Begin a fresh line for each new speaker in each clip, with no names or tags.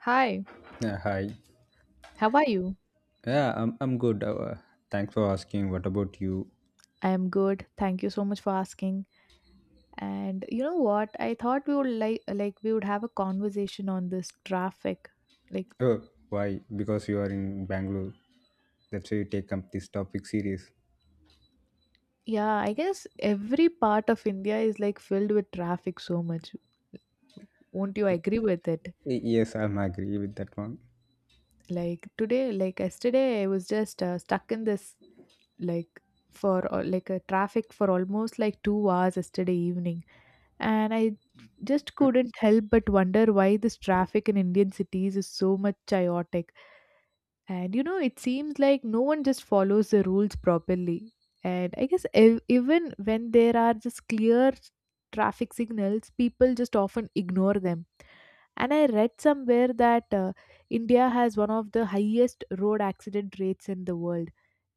Hi,
Yeah, hi.
how are you?
Yeah, I'm good. Thanks for asking. What about you?
I am good. Thank you so much for asking. And you know what? I thought we would like we would have a conversation on this traffic. Like,
Oh, why? Because you are in Bangalore. That's why you take up this topic serious.
yeah, I guess every part of India is like filled with traffic so much. Won't you agree with it?
Yes, I'm agree with that one.
Like yesterday, I was just stuck in this like for like a traffic for almost like 2 hours yesterday evening, and I just couldn't help but wonder why this traffic in Indian cities is so much chaotic. And you know, it seems like no one just follows the rules properly. And I guess even when there are just clear traffic signals, people just often ignore them. And I read somewhere that India has one of the highest road accident rates in the world.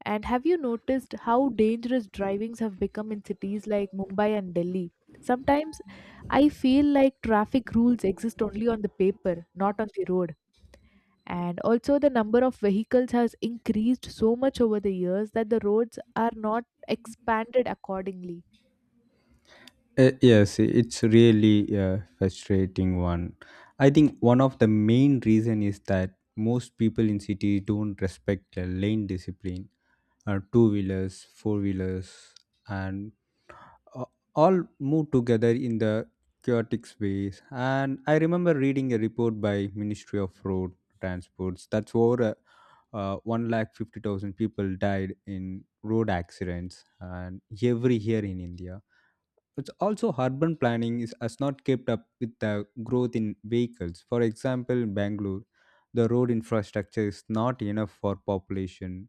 And have you noticed how dangerous drivings have become in cities like Mumbai and Delhi? Sometimes I feel like traffic rules exist only on the paper, not on the road. And also, the number of vehicles has increased so much over the years that the roads are not expanded accordingly.
Yes, it's really a frustrating one. I think one of the main reason is that most people in cities don't respect the lane discipline. Two wheelers, four wheelers, and uh, all move together in the chaotic space. And I remember reading a report by Ministry of Road Transports that's over a 1 lakh 50,000 people died in road accidents and every year in India. It's also urban planning is, has not kept up with the growth in vehicles. For example, in Bangalore, the road infrastructure is not enough for population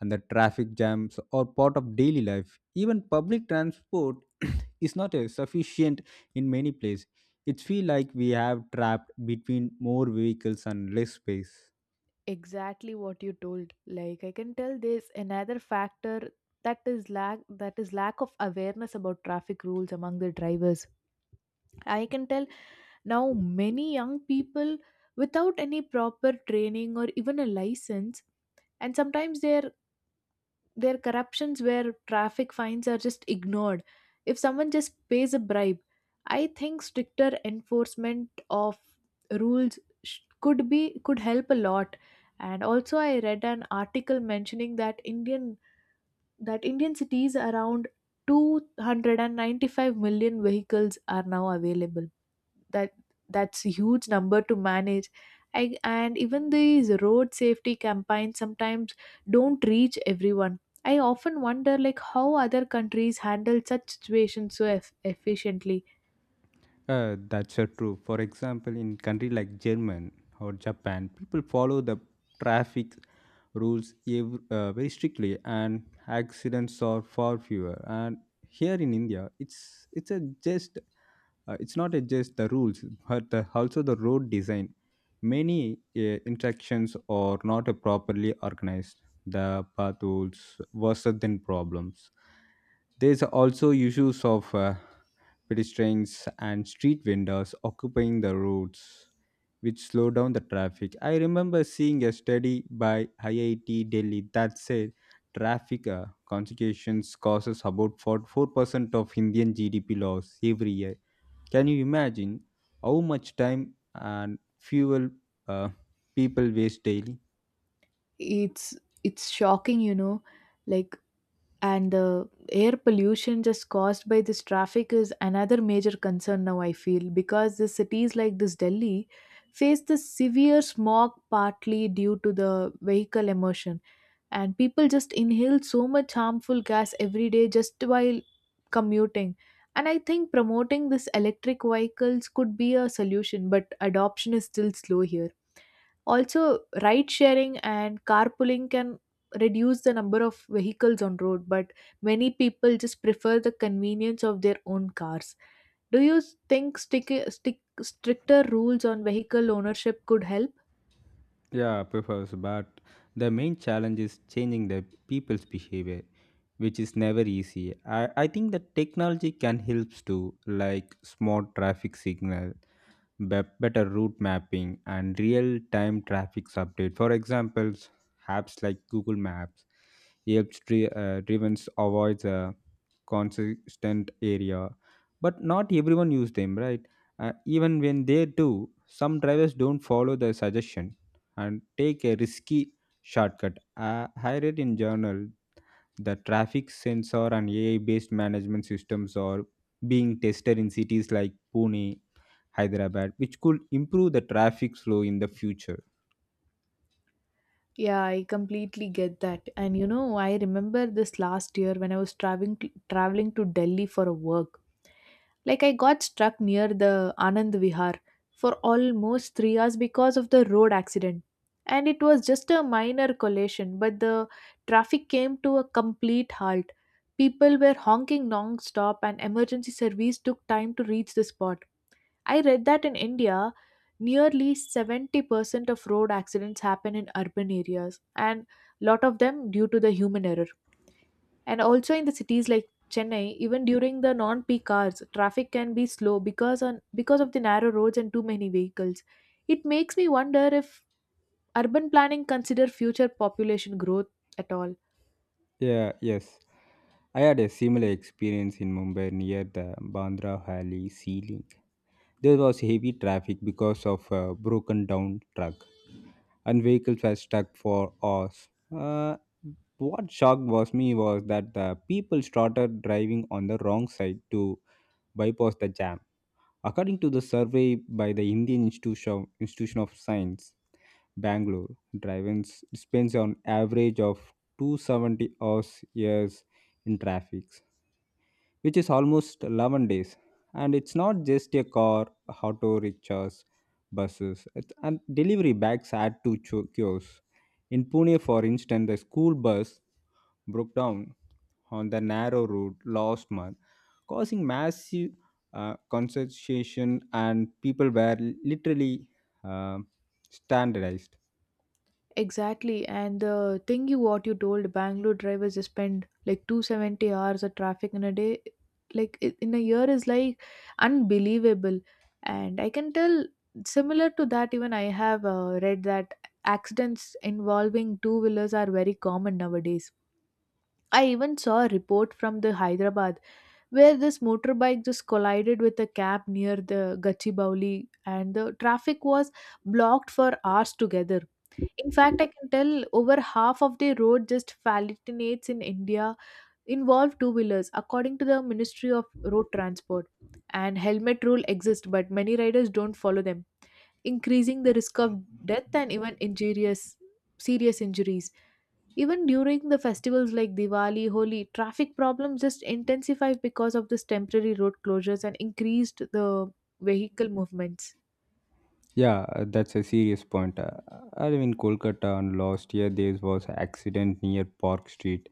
and the traffic jams are part of daily life. Even public transport is not sufficient in many places. It feels like we have trapped between more vehicles and less space.
Exactly what you told, like I can tell there's another factor, that is lack of awareness about traffic rules among the drivers. I can tell now many young people without any proper training or even a license, and sometimes they're there are corruptions where traffic fines are just ignored. If someone just pays a bribe, I think stricter enforcement of rules could help a lot. And also, I read an article mentioning that Indian cities around 295 million vehicles are now available, that that's a huge number to manage. And even these road safety campaigns sometimes don't reach everyone. I often wonder like how other countries handle such situations so efficiently.
That's so true. For example, in country like German or Japan, people follow the traffic rules very strictly, and accidents are far fewer. And here in India, it's a jest. It's not just the rules, but the, also the road design. Many interactions are not properly organized. The path rules worse than problems. There's also issues of pedestrians and street vendors occupying the roads, which slow down the traffic. I remember seeing a study by IIT Delhi that said traffic consequences causes about 4% of Indian GDP loss every year. Can you imagine how much time and fuel uh, people waste daily?
It's shocking, you know, like, and the air pollution just caused by this traffic is another major concern now, I feel, because the cities like this Delhi face the severe smog partly due to the vehicle emission, and people just inhale so much harmful gas every day just while commuting. And I think promoting this electric vehicles could be a solution, but adoption is still slow here. Also, ride sharing and carpooling can reduce the number of vehicles on road, but many people just prefer the convenience of their own cars. Do you think stricter rules on vehicle ownership could help?
Yeah, prefers, but the main challenge is changing the people's behavior, which is never easy. I think that technology can help too, like smart traffic signal, better route mapping, and real time traffic update. For examples, apps like Google Maps helps driven avoid consistent area, but not everyone use them right. Even when they do, some drivers don't follow the suggestion and take a risky shortcut. I read in journal the traffic sensor and AI based management systems are being tested in cities like Pune, Hyderabad, which could improve the traffic flow in the future.
Yeah, I completely get that. And you know, I remember this last year when I was traveling to Delhi for a work. Like I got stuck near the Anand Vihar for almost 3 hours because of the road accident. And it was just a minor collision, but the traffic came to a complete halt. People were honking non-stop, and emergency service took time to reach the spot. I read that in India, nearly 70% of road accidents happen in urban areas, and lot of them due to the human error. And also in the cities like Chennai, even during the non-peak hours, traffic can be slow because of the narrow roads and too many vehicles. It makes me wonder if urban planning consider future population growth at all.
Yeah yes, I had a similar experience in Mumbai near the Bandra valley ceiling. There was heavy traffic because of a broken down truck, and vehicles were stuck for hours. Uh, what shocked was me was that the people started driving on the wrong side to bypass the jam. According to the survey by the Indian Institution, Institution of Science, Bangalore, drivers spends on average of 270 hours years in traffic, which is almost 11 days. And it's not just a car, auto rickshaws, buses, and delivery bags add to queues. In Pune, for instance, the school bus broke down on the narrow road last month, causing massive concentration, and people were literally uh, standardized.
Exactly, and the thing you what you told, Bangalore drivers spend like 270 hours of traffic in a day, like in a year, is like unbelievable. And I can tell similar to that, even I have read that accidents involving two wheelers are very common nowadays. I even saw a report from the Hyderabad where this motorbike just collided with a cab near the Gachibowli, and the traffic was blocked for hours together. In fact, I can tell over half of the road just falcinates in India involve two wheelers, according to the Ministry of Road Transport. And helmet rule exists, but many riders don't follow them, increasing the risk of death and even injurious serious injuries. Even during the festivals like Diwali, Holi, traffic problems just intensify because of this temporary road closures and increased the vehicle movements.
Yeah, that's a serious point. I live in Kolkata, and last year there was accident near Park Street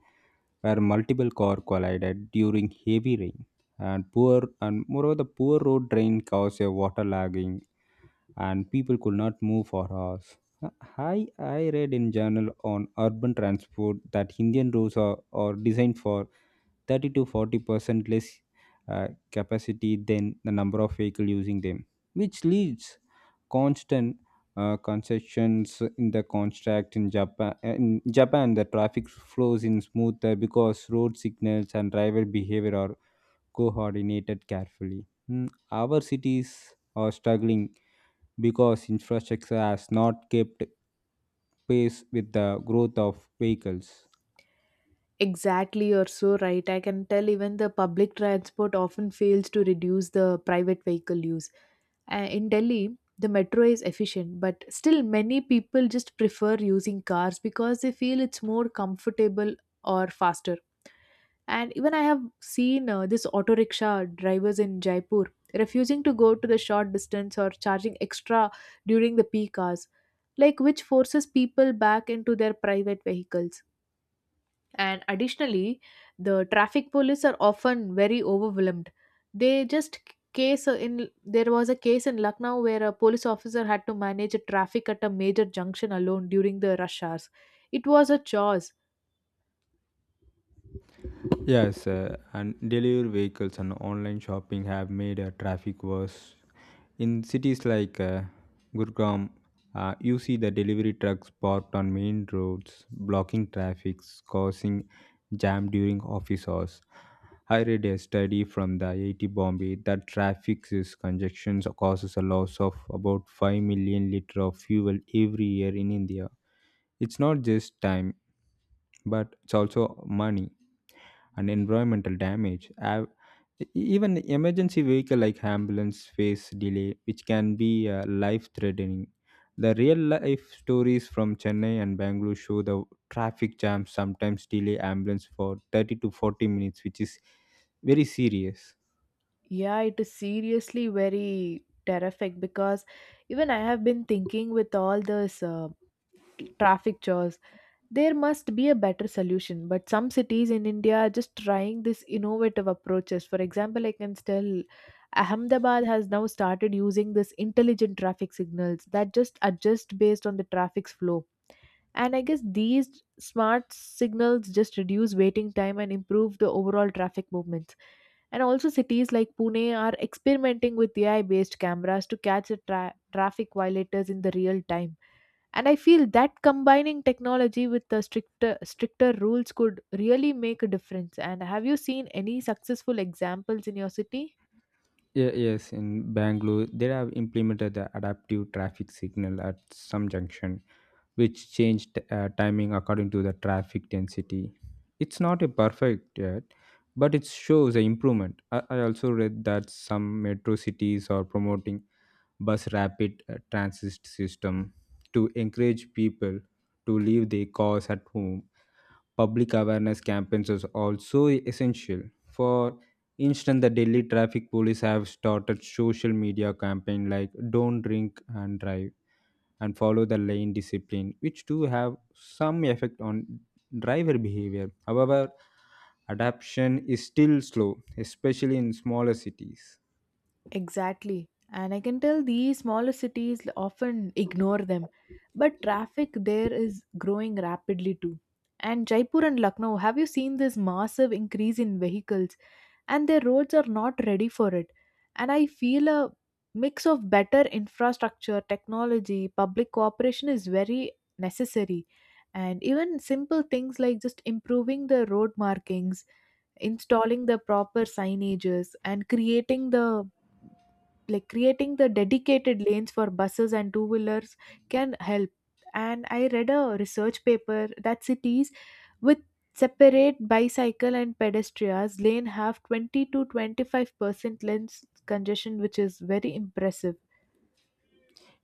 where multiple car collided during heavy rain, and poor and moreover the poor road drain caused a water logging, and people could not move for hours. Uh, I read in journal on urban transport that Indian roads are designed for 30 to 40 percent less capacity than the number of vehicle using them, which leads constant concessions in the contract in Japan. In Japan, the traffic flows in smoother because road signals and driver behavior are coordinated carefully. Our cities are struggling because infrastructure has not kept pace with the growth of vehicles.
Exactly, you're so right. I can tell even the public transport often fails to reduce the private vehicle use. In Delhi, the metro is efficient, but still, many people just prefer using cars because they feel it's more comfortable or faster. And even I have seen this auto rickshaw drivers in Jaipur refusing to go to the short distance or charging extra during the peak hours, like which forces people back into their private vehicles. And additionally, the traffic police are often very overwhelmed. They just case in there was a case in Lucknow where a police officer had to manage a traffic at a major junction alone during the rush hours. It was a chores.
Yes, and delivery vehicles and online shopping have made traffic worse. In cities like Gurgaon, you see the delivery trucks parked on main roads, blocking traffic, causing jam during office hours. I read a study from the IIT Bombay that traffic is congestion causes a loss of about 5 million liter of fuel every year in India. It's not just time, but it's also money and environmental damage. Even emergency vehicle like ambulance face delay, which can be life threatening. The real life stories from Chennai and Bangalore show the traffic jams sometimes delay ambulance for 30 to 40 minutes, which is very serious.
Yeah, it is seriously very terrific because even I have been thinking with all this traffic chores, there must be a better solution, but some cities in India are just trying these innovative approaches. For example, I can tell Ahmedabad has now started using this intelligent traffic signals that just adjust based on the traffic's flow. And I guess these smart signals just reduce waiting time and improve the overall traffic movements. And also, cities like Pune are experimenting with AI based cameras to catch the traffic violators in the real time. And I feel that combining technology with the stricter rules could really make a difference. And have you seen any successful examples in your city?
Yeah, yes, in Bangalore, they have implemented the adaptive traffic signal at some junction, which changed timing according to the traffic density. It's not a perfect yet, but it shows an improvement. I also read that some metro cities are promoting bus rapid transit system to encourage people to leave their cars at home. Public awareness campaigns is also essential. For instance, the Delhi traffic police have started social media campaign like "Don't drink and drive." and follow the lane discipline, which do have some effect on driver behavior. However, adaption is still slow, especially in smaller cities.
Exactly. And I can tell these smaller cities often ignore them, but traffic there is growing rapidly too. And Jaipur and Lucknow, have you seen this massive increase in vehicles? And their roads are not ready for it. And I feel a mix of better infrastructure, technology, public cooperation is very necessary. And even simple things like just improving the road markings, installing the proper signages, and creating the dedicated lanes for buses and two wheelers can help. And I read a research paper that cities with separate bicycle and pedestrians lane have 20 to 25% lens congestion, which is very impressive.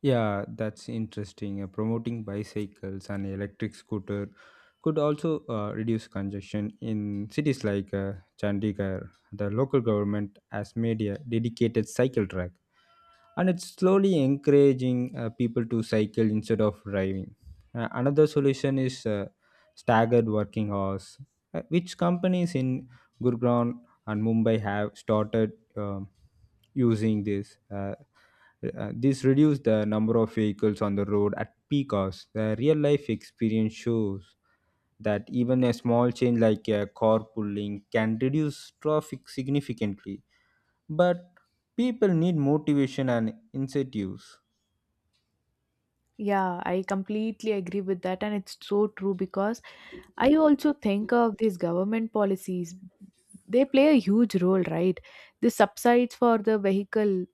Yeah, that's interesting. Promoting bicycles and electric scooter could also reduce congestion in cities like Chandigarh. The local government has made a dedicated cycle track, and it's slowly encouraging people to cycle instead of driving. Another solution is staggered working hours, which companies in Gurgaon and Mumbai have started using this. This reduce the number of vehicles on the road at peak hours. The real life experience shows that even a small change like carpooling can reduce traffic significantly, but people need motivation and incentives.
Yeah, I completely agree with that, and it's so true because I also think of these government policies. They play a huge role, right? The subsides for the vehicle,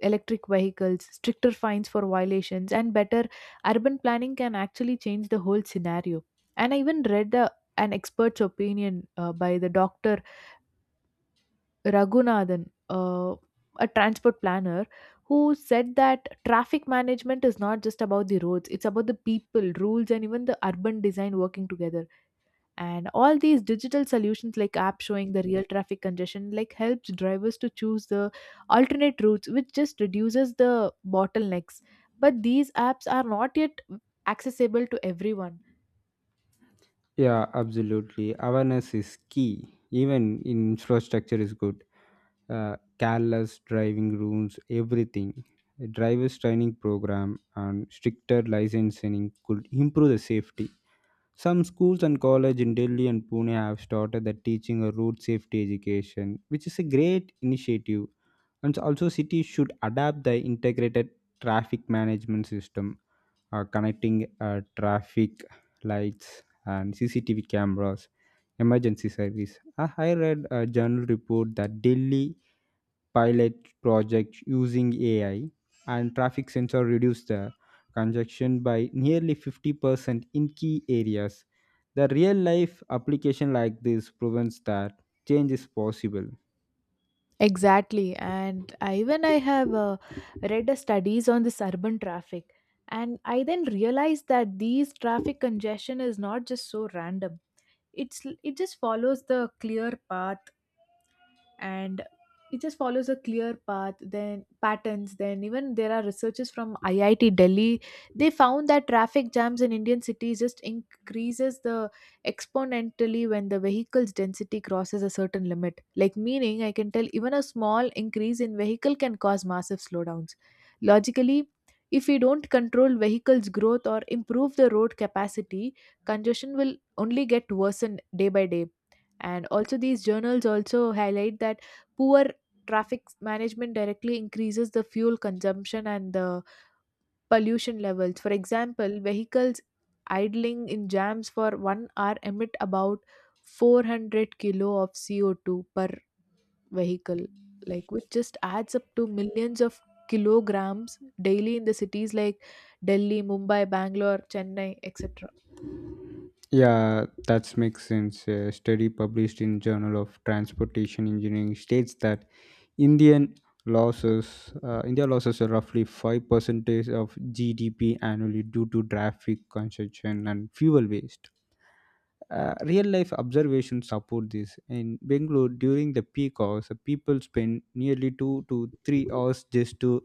electric vehicles, stricter fines for violations, and better urban planning can actually change the whole scenario. And I even read an expert's opinion by the doctor Raghunathan, a transport planner, who said that traffic management is not just about the roads, it's about the people, rules, and even the urban design working together. And all these digital solutions like app showing the real traffic congestion like helps drivers to choose the alternate routes, which just reduces the bottlenecks. But these apps are not yet accessible to everyone.
Yeah, absolutely. Awareness is key. Even infrastructure is good. Careless driving rules, everything. A driver's training program and stricter licensing could improve the safety. Some schools and colleges in Delhi and Pune have started the teaching a road safety education, which is a great initiative. And also, cities should adapt the integrated traffic management system, connecting traffic lights and CCTV cameras, emergency service. I read a journal report that Delhi pilot projects using AI and traffic sensor reduce the congestion by nearly 50% in key areas. The real life application like this proves that change is possible.
Exactly, and even I have read a studies on this urban traffic, and I then realized that these traffic congestion is not just so random. It's it just follows the clear path, and it just follows a clear path then patterns. Then even there are researchers from IIT Delhi. They found that traffic jams in Indian cities just increases the exponentially when the vehicle's density crosses a certain limit, like meaning I can tell even a small increase in vehicle can cause massive slowdowns. Logically, if we don't control vehicles growth or improve the road capacity, congestion will only get worsened day by day. And also these journals also highlight that poor traffic management directly increases the fuel consumption and the pollution levels. For example, vehicles idling in jams for 1 hour emit about 400 kilo of CO2 per vehicle, like which just adds up to millions of kilograms daily in the cities like Delhi, Mumbai, Bangalore, Chennai, etc.
Yeah, that makes sense. A study published in Journal of Transportation Engineering states that Indian India losses are roughly 5% of GDP annually due to traffic congestion and fuel waste. Real life observations support this. In Bangalore, during the peak hours, people spend nearly 2 to 3 hours just to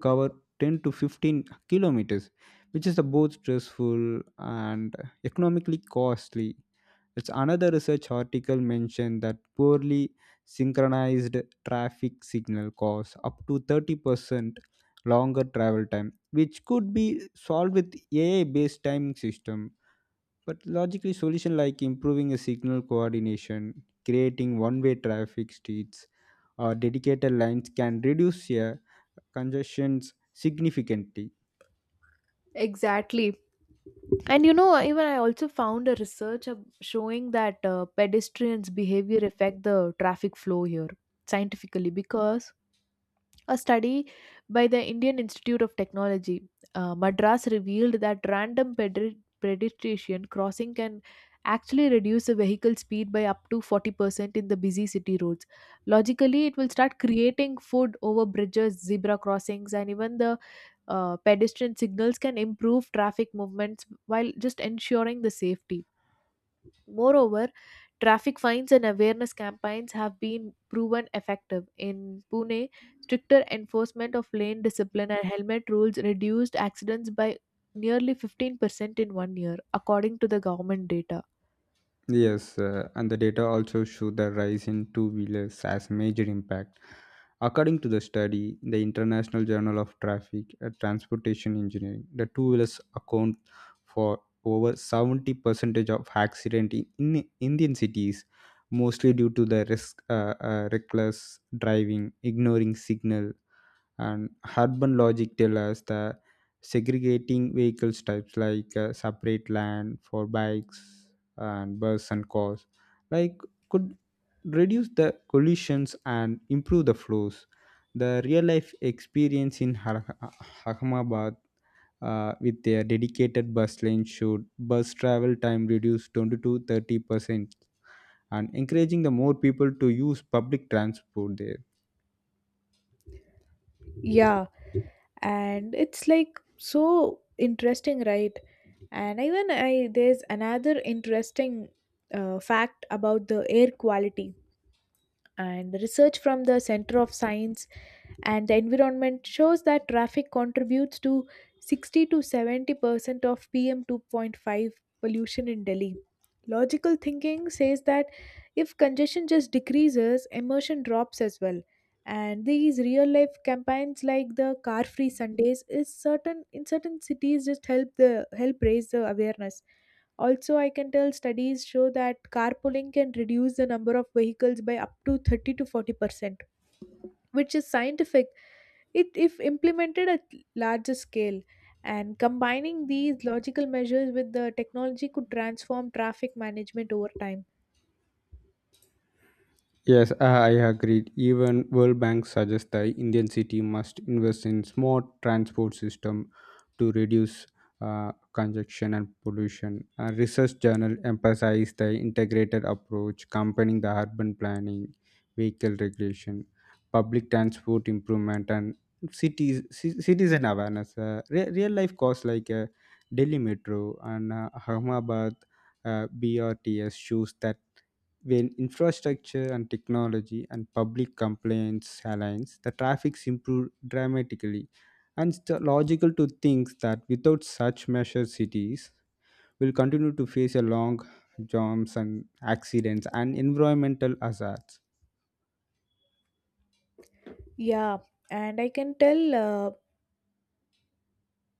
cover 10 to 15 kilometers, which is both stressful and economically costly. It's another research article mentioned that poorly synchronized traffic signal cause up to 30% longer travel time, which could be solved with AI based timing system, but logically, solution like improving a signal coordination, creating one-way traffic streets, or dedicated lines can reduce congestions significantly.
Exactly. And you know, even I also found a research showing that pedestrians' behavior affect the traffic flow here scientifically, because a study by the Indian Institute of Technology, Madras, revealed that random pedestrian crossing can actually reduce the vehicle speed by up to 40% in the busy city roads. Logically, it will start creating food over bridges, zebra crossings, and even the pedestrian signals can improve traffic movements while just ensuring the safety. Moreover, traffic fines and awareness campaigns have been proven effective. In Pune, stricter enforcement of lane discipline and helmet rules reduced accidents by nearly 15% in 1 year, according to the government data.
Yes, and the data also show the rise in two-wheelers as major impact. According to the study, the International Journal of Traffic and Transportation Engineering, the two-wheelers account for over 70 percentage of accident in Indian cities, mostly due to the reckless driving, ignoring signal, and urban logic tell us that segregating vehicles types like separate land for bikes and bus and cars like could reduce the collisions and improve the flows. The real life experience in Ahmedabad, with their dedicated bus lane should bus travel time reduce 20 to 30 percent, and encouraging the more people to use public transport there.
Yeah, and it's like so interesting, right? And even I there's another interesting fact about the air quality. And research from the Center of Science and the environment shows that traffic contributes to 60 to 70% of pm 2.5 pollution in delhi. Logical thinking says that if congestion just decreases, emission drops as well. And these real life campaigns like the car free sundays is certain in certain cities just help the help raise the awareness. Also, I can tell studies show that carpooling can reduce the number of vehicles by up to 30 to 40%, which is scientific if implemented at larger scale. And combining these logical measures with the technology could transform traffic management over time.
Yes, I agreed. Even World Bank suggests the Indian city must invest in smart transport system to reduce congestion and pollution. A research journal emphasized the integrated approach, combining the urban planning, vehicle regulation, public transport improvement, and citizen awareness. Real life costs like Delhi Metro and Ahmedabad BRTS shows that when infrastructure and technology and public complaints aligns, the traffics improve dramatically. And it's logical to think that without such measures, cities will continue to face a long jams and accidents and environmental hazards.
Yeah, and I can tell.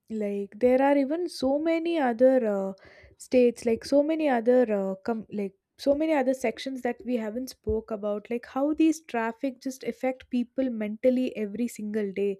Like there are even so many other states like so many other like so many other sections that we haven't spoke about, like how these traffic just affect people mentally every single day,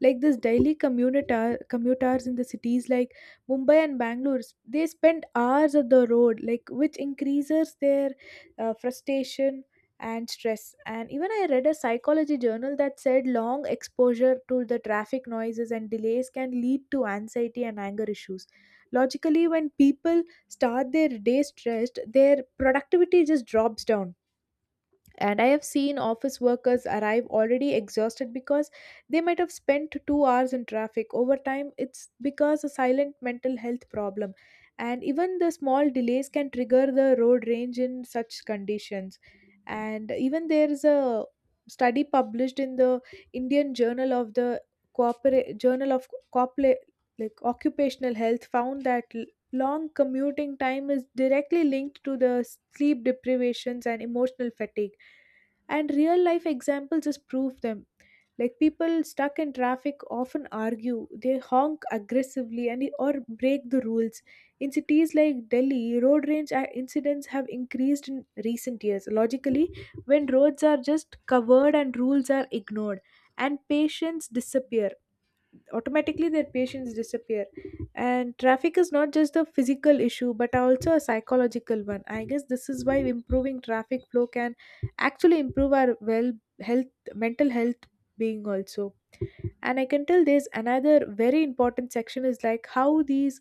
like this daily commuters in the cities like mumbai and bangalore. They spend hours on the road, like which increases their frustration and stress. And even I read a psychology journal that said long exposure to the traffic noises and delays can lead to anxiety and anger issues. Logically, when people start their day stressed, their productivity just drops down, and I have seen office workers arrive already exhausted because they might have spent 2 hours in traffic. Over time, it's because a silent mental health problem. And even the small delays can trigger the road rage in such conditions. And even there is a study published in the Indian Journal of the Corporate Journal of Corporate Occupational Health, found that long commuting time is directly linked to the sleep deprivations and emotional fatigue, and real life examples just prove them. Like people stuck in traffic often argue, they honk aggressively and or break the rules. In cities like delhi, road rage incidents have increased in recent years. Logically, when roads are just covered and rules are ignored and patients disappear automatically, their patients disappear, and traffic is not just a physical issue but also a psychological one. I guess this is why improving traffic flow can actually improve our health, mental health being also. And I can tell there's another very important section, is like how these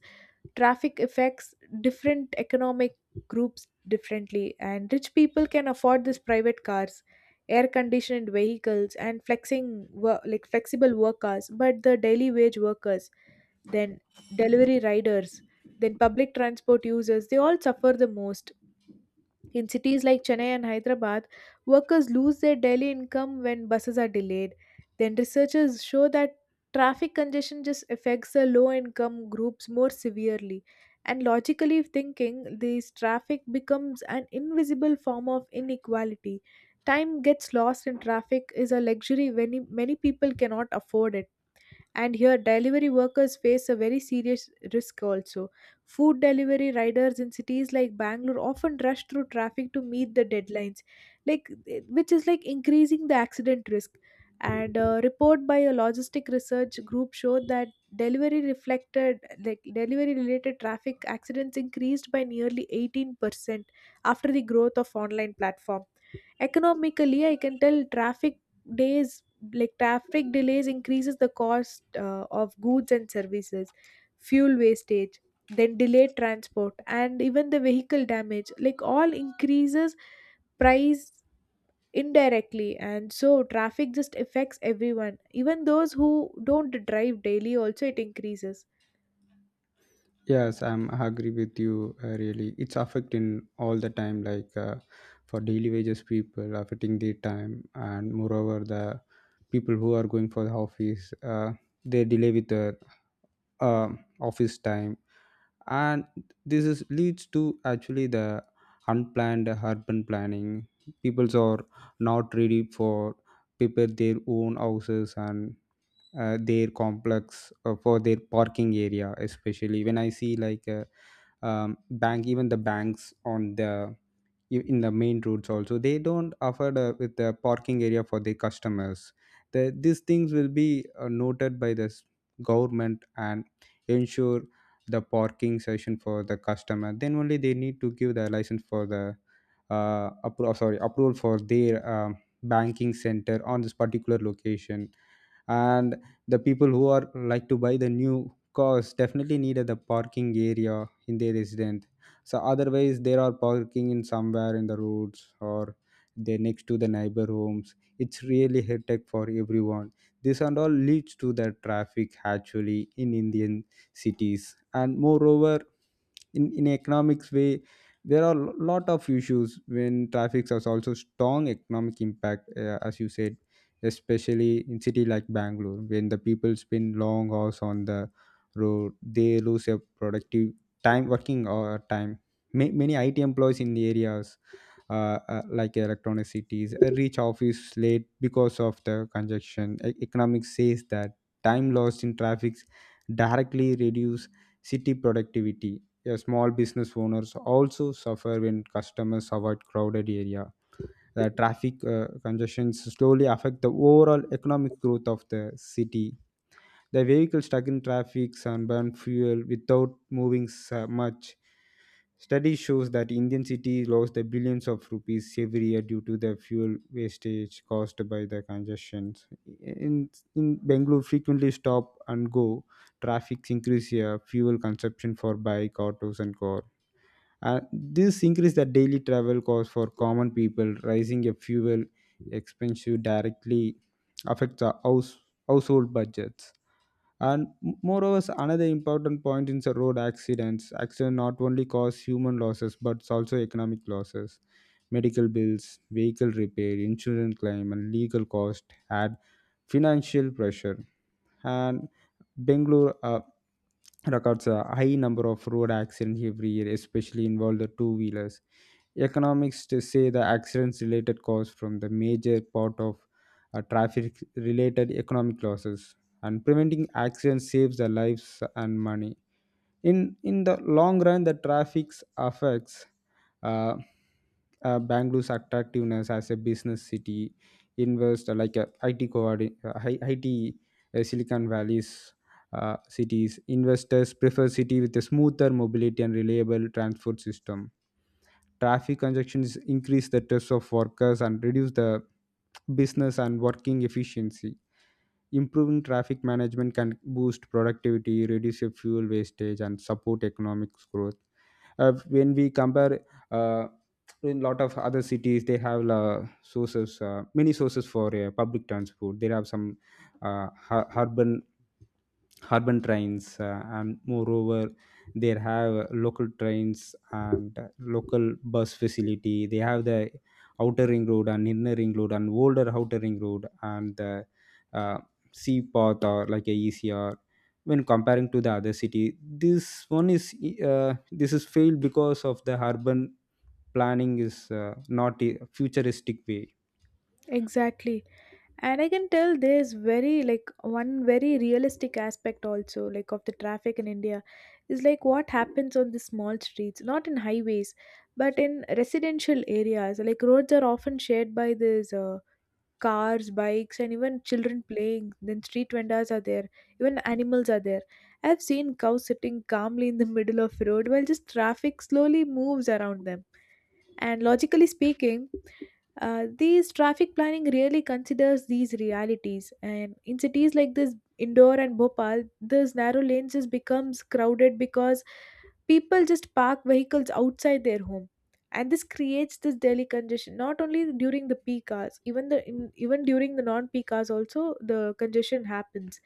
traffic affects different economic groups differently. And rich people can afford these private cars, air conditioned vehicles and like flexible work hours, but the daily wage workers, then delivery riders, then public transport users, they all suffer the most. In cities like Chennai and Hyderabad, workers lose their daily income when buses are delayed. Then researchers show that traffic congestion just affects the low income groups more severely. And logically thinking, this traffic becomes an invisible form of inequality. Time gets lost in traffic is a luxury when many people cannot afford it. And here, delivery workers face a very serious risk also. Food delivery riders in cities like Bangalore often rush through traffic to meet the deadlines, which is like increasing the accident risk. And a report by a logistic research group showed that delivery reflected like delivery related traffic accidents increased by nearly 18% after the growth of online platform. Economically, I can tell traffic days like traffic delays increases the cost of goods and services, fuel wastage, then delayed transport, and even the vehicle damage, like all increases price indirectly. And so traffic just affects everyone, even those who don't drive daily also, it increases.
Yes, I'm agree with you. Really, it's affecting all the time. For daily wages people, affecting their time, and moreover, the people who are going for the office, they delay with the office time, and this is leads to actually the unplanned urban planning. Peoples are not ready for prepare their own houses and their complex for their parking area, especially when I see like bank, even the banks on the in the main roads also, they don't offer the, with the parking area for the customers. The, these things will be noted by the government and ensure the parking session for the customer. Then only they need to give the license for the sorry, approval for their banking center on this particular location. And the people who are like to buy the new cars definitely needed the parking area in their residence. So otherwise they are parking in somewhere in the roads, or they next to the neighbor homes. It's really headache for everyone. This and all leads to the traffic actually in indian cities, and moreover, in economics way, there are a lot of issues when traffic has also strong economic impact, as you said, especially in city like bangalore, when the people spend long hours on the road, they lose their productive time working, or time. Many it employees in the areas, like electronic cities, reach office late because of the congestion. Economics says that time lost in traffic directly reduce city productivity. Yeah, small business owners also suffer when customers avoid crowded area. The traffic congestions slowly affect the overall economic growth of the city. The vehicles stuck in traffic and burn fuel without moving so much. Study shows that Indian cities lost the billions of rupees every year due to the fuel wastage caused by the congestions. In, in Bangalore, frequently stop and go traffic increase here, fuel consumption for bike, autos, and cars. This increase the daily travel cost for common people, rising a fuel expensive directly affects the house, household budgets. And moreover, another important point is the road accidents. Accidents not only cause human losses but also economic losses. Medical bills, vehicle repair, insurance claim, and legal cost add financial pressure. And Bangalore records a high number of road accidents every year, especially involve the two wheelers. Economics to say the accidents related cause from the major part of traffic related economic losses, and preventing accidents saves the lives and money. In the long run, the traffics affects uh, bangalore's attractiveness as a business city, invest like a it coordi- I- it silicon valley's cities. Investors prefer city with a smoother mobility and reliable transport system. Traffic congestions increase the stress of workers and reduce the business and working efficiency. Improving traffic management can boost productivity, reduce your fuel wastage, and support economic growth. When we compare, uh, in lot of other cities, they have many sources for public transport. They have some uh, hu- urban urban trains, and moreover, there have local trains and local bus facility. They have the outer ring road and inner ring road and older outer ring road and the uh, sea path or like a ecr. When comparing to the other city, this one is this is failed because of the urban planning is not a futuristic way.
Exactly. And I can tell there's very like one very realistic aspect also, like of the traffic in india, is like what happens on the small streets, not in highways, but in residential areas. Like roads are often shared by these cars, bikes, and even children playing, then street vendors are there, even animals are there. I've seen cows sitting calmly in the middle of road while just traffic slowly moves around them. And logically speaking, these traffic planning really considers these realities, and in cities like this, Indore and Bhopal, this narrow lane just becomes crowded because people just park vehicles outside their home, and this creates this daily congestion. Not only during the peak hours, even even during the non-peak hours, also the congestion happens.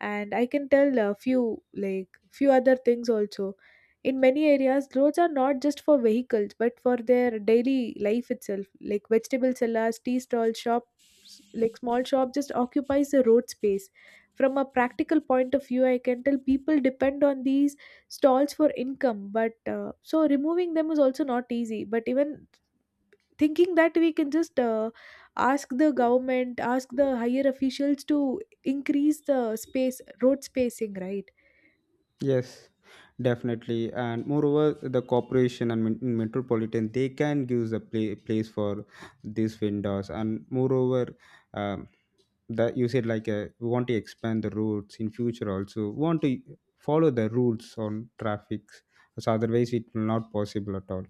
And I can tell a few other things also. In many areas, roads are not just for vehicles but for their daily life itself. Like vegetable sellers, tea stalls, shops, like small shop just occupies the road space. From a practical point of view, I can tell people depend on these stalls for income, but so removing them is also not easy. But even thinking that we can just ask the government, ask the higher officials to increase the space, road spacing, right?
Yes, definitely. And moreover, the corporation and metropolitan, they can give the play, place for these vendors. And moreover, um, that you said like we want to expand the routes in future. Also, we want to follow the rules on traffic. So otherwise, it will not possible at all.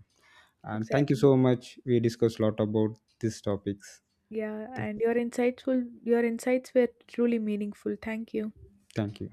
And thank you
Exactly.
so much. We discussed a lot about these topics.
Yeah,
Th-
and your insightful your insights were truly meaningful. Thank you.
Thank you.